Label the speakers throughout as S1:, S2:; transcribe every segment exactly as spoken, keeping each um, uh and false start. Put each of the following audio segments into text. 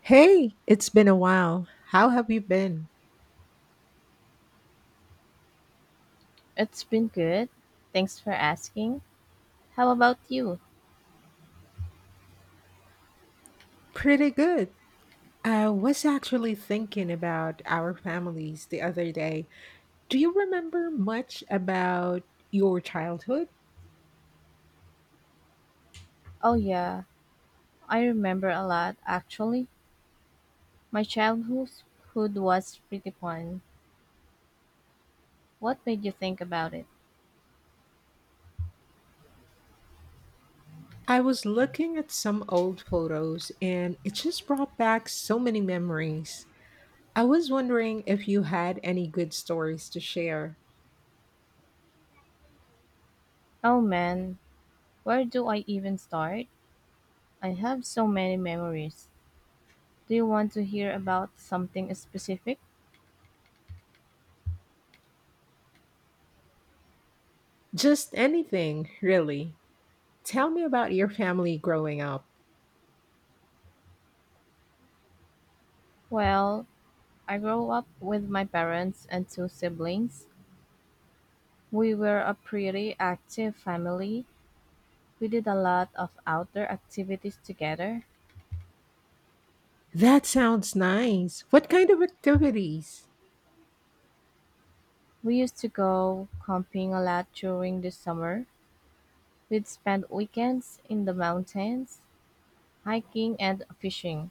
S1: Hey, it's been a while. How have you been?
S2: It's been good. Thanks for asking. How about you?
S1: Pretty good. I was actually thinking about our families the other day. Do you remember much about your childhood?
S2: Oh, yeah. I remember a lot, actually. My childhood hood was pretty fun. What made you think about it?
S1: I was looking at some old photos and it just brought back so many memories. I was wondering if you had any good stories to share.
S2: Oh, man. Where do I even start? I have so many memories. Do you want to hear about something specific?
S1: Just anything, really. Tell me about your family growing up.
S2: Well, I grew up with my parents and two siblings. We were a pretty active family. We did a lot of outdoor activities together.
S1: That sounds nice. What kind of activities?
S2: We used to go camping a lot during the summer. We'd spend weekends in the mountains, hiking and fishing.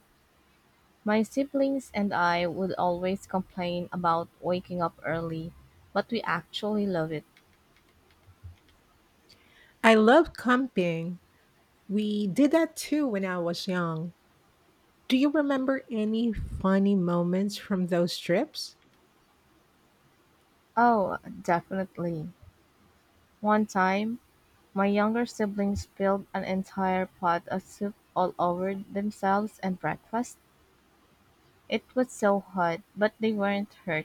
S2: My siblings and I would always complain about waking up early, but we actually love it.
S1: I love camping. We did that too when I was young. Do you remember any funny moments from those trips?
S2: Oh, definitely. One time, my younger siblings spilled an entire pot of soup all over themselves and breakfast. It was so hot, but they weren't hurt.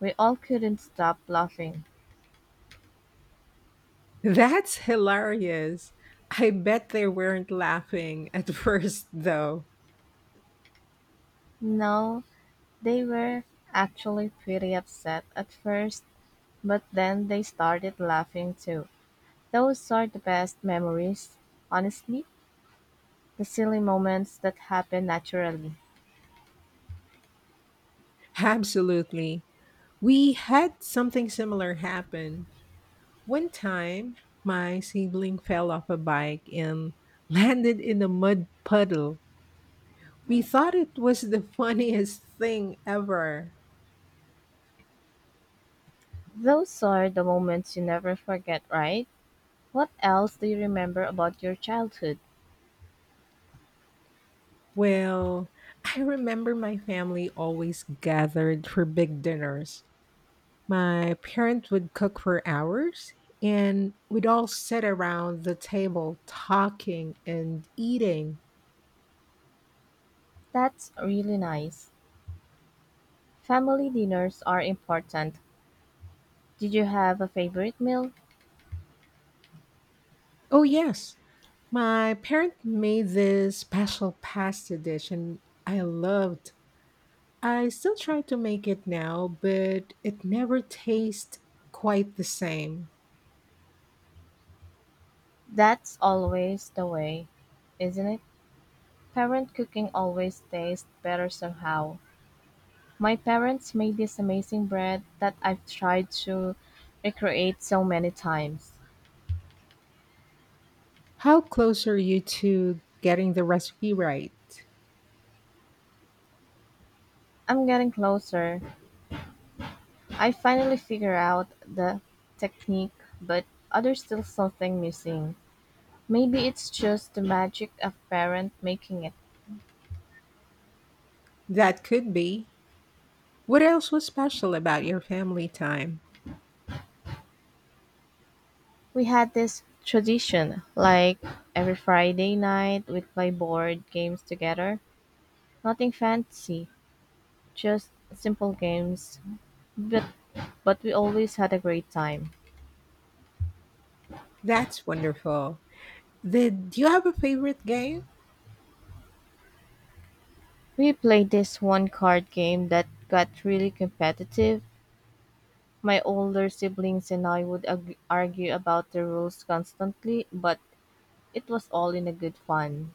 S2: We all couldn't stop laughing.
S1: That's hilarious. I bet they weren't laughing at first, though.
S2: No, they were actually pretty upset at first, but then they started laughing too. Those are the best memories, honestly, the silly moments that happen naturally.
S1: Absolutely. We had something similar happen. One time, my sibling fell off a bike and landed in a mud puddle. We thought it was the funniest thing ever.
S2: Those are the moments you never forget, right? What else do you remember about your childhood?
S1: Well, I remember my family always gathered for big dinners. My parents would cook for hours, and we'd all sit around the table talking and eating.
S2: That's really nice. Family dinners are important. Did you have a favorite meal?
S1: Oh, yes, my parent made this special pasta dish, and I loved I still try to make it now, but it never tastes quite the same.
S2: That's always the way, isn't it? Parent cooking always tastes better somehow. My parents made this amazing bread that I've tried to recreate so many times.
S1: How close are you to getting the recipe right?
S2: I'm getting closer. I finally figure out the technique, but there's still something missing. Maybe it's just the magic of parent making it.
S1: That could be. What else was special about your family time?
S2: We had this tradition, like every Friday night we'd play board games together. Nothing fancy, just simple games, but but we always had a great time.
S1: That's wonderful. Did do you have a favorite game?
S2: We played this one card game that got really competitive. My older siblings and I would ag- argue about the rules constantly, but it was all in a good fun.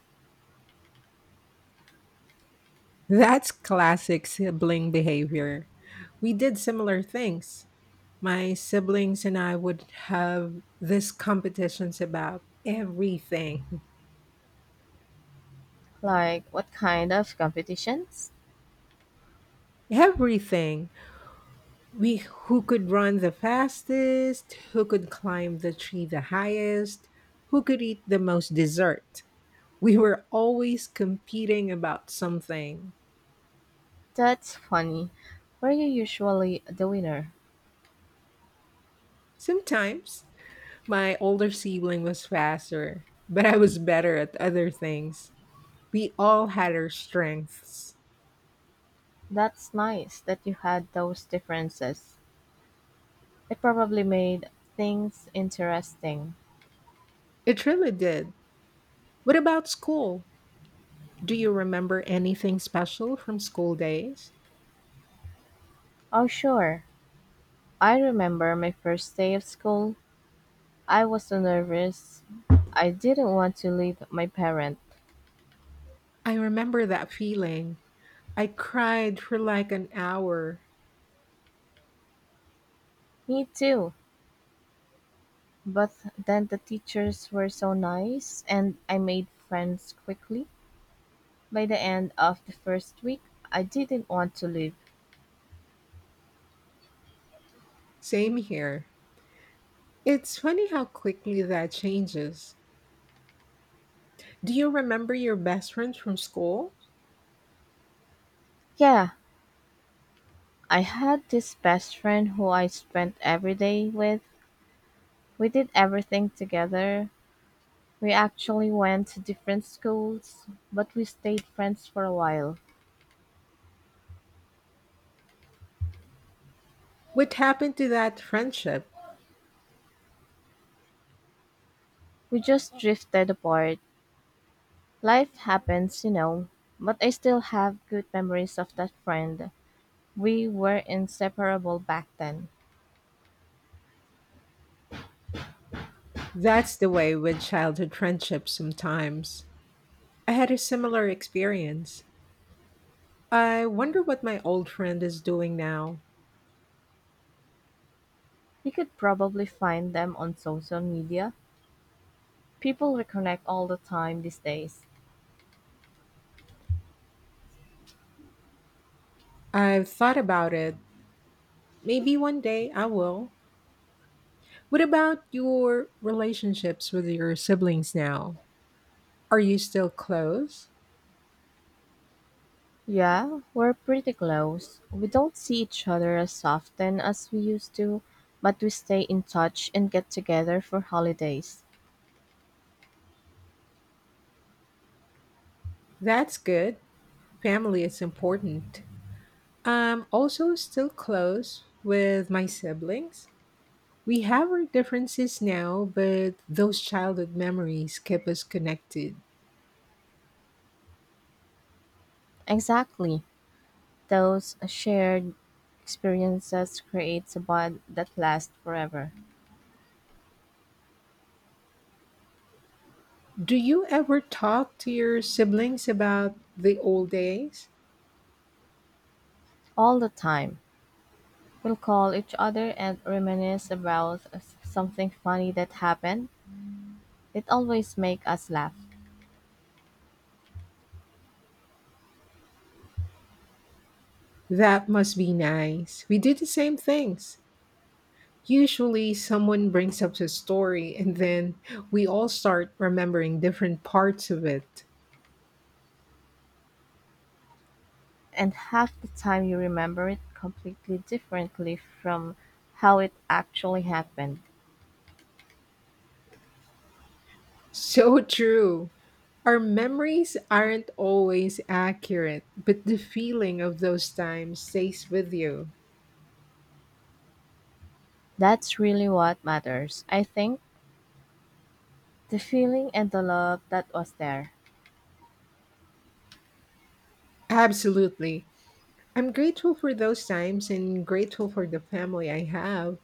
S1: That's classic sibling behavior. We did similar things. My siblings and I would have these competitions about everything.
S2: Like, what kind of competitions?
S1: Everything. We Who could run the fastest, who could climb the tree the highest, who could eat the most dessert. We were always competing about something.
S2: That's funny. Were you usually the winner?
S1: Sometimes my older sibling was faster, but I was better at other things. We all had our strengths.
S2: That's nice that you had those differences. It probably made things interesting.
S1: It really did. What about school? Do you remember anything special from school days?
S2: Oh, sure. I remember my first day of school. I was so nervous. I didn't want to leave my parent.
S1: I remember that feeling. I cried for like an hour.
S2: Me too. But then the teachers were so nice and I made friends quickly. By the end of the first week, I didn't want to leave.
S1: Same here. It's funny how quickly that changes. Do you remember your best friends from school?
S2: Yeah, I had this best friend who I spent every day with. We did everything together. We actually went to different schools, but we stayed friends for a while.
S1: What happened to that friendship?
S2: We just drifted apart. Life happens, you know, but I still have good memories of that friend. We were inseparable back then.
S1: That's the way with childhood friendships sometimes. I had a similar experience. I wonder what my old friend is doing now.
S2: You could probably find them on social media. People reconnect all the time these days.
S1: I've thought about it. Maybe one day I will. What about your relationships with your siblings now? Are you still close?
S2: Yeah, we're pretty close. We don't see each other as often as we used to, but we stay in touch and get together for holidays.
S1: That's good. Family is important. I'm also still close with my siblings. We have our differences now, but those childhood memories keep us connected.
S2: Exactly. Those shared experiences creates a bond that lasts forever,
S1: Do you ever talk to your siblings about the old days?
S2: all the time. We'll call each other and reminisce about s- something funny that happened. It always makes us laugh.
S1: That must be nice. We did the same things. Usually, someone brings up a story and then we all start remembering different parts of it.
S2: And half the time you remember it completely differently from how it actually happened.
S1: So true. Our memories aren't always accurate, but the feeling of those times stays with you.
S2: That's really what matters. I think the feeling and the love that was there.
S1: Absolutely. I'm grateful for those times and grateful for the family I have.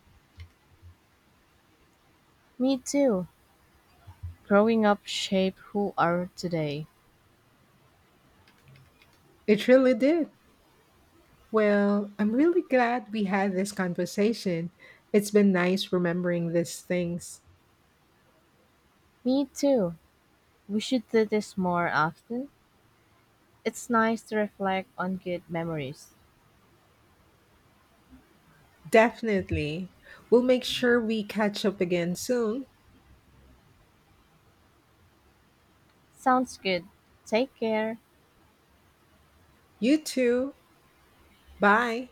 S2: Me too. Growing up shaped who are today.
S1: It really did. Well, I'm really glad we had this conversation. It's been nice remembering these things.
S2: Me too. We should do this more often. It's nice to reflect on good memories.
S1: Definitely. We'll make sure we catch up again soon.
S2: Sounds good. Take care.
S1: You too. Bye.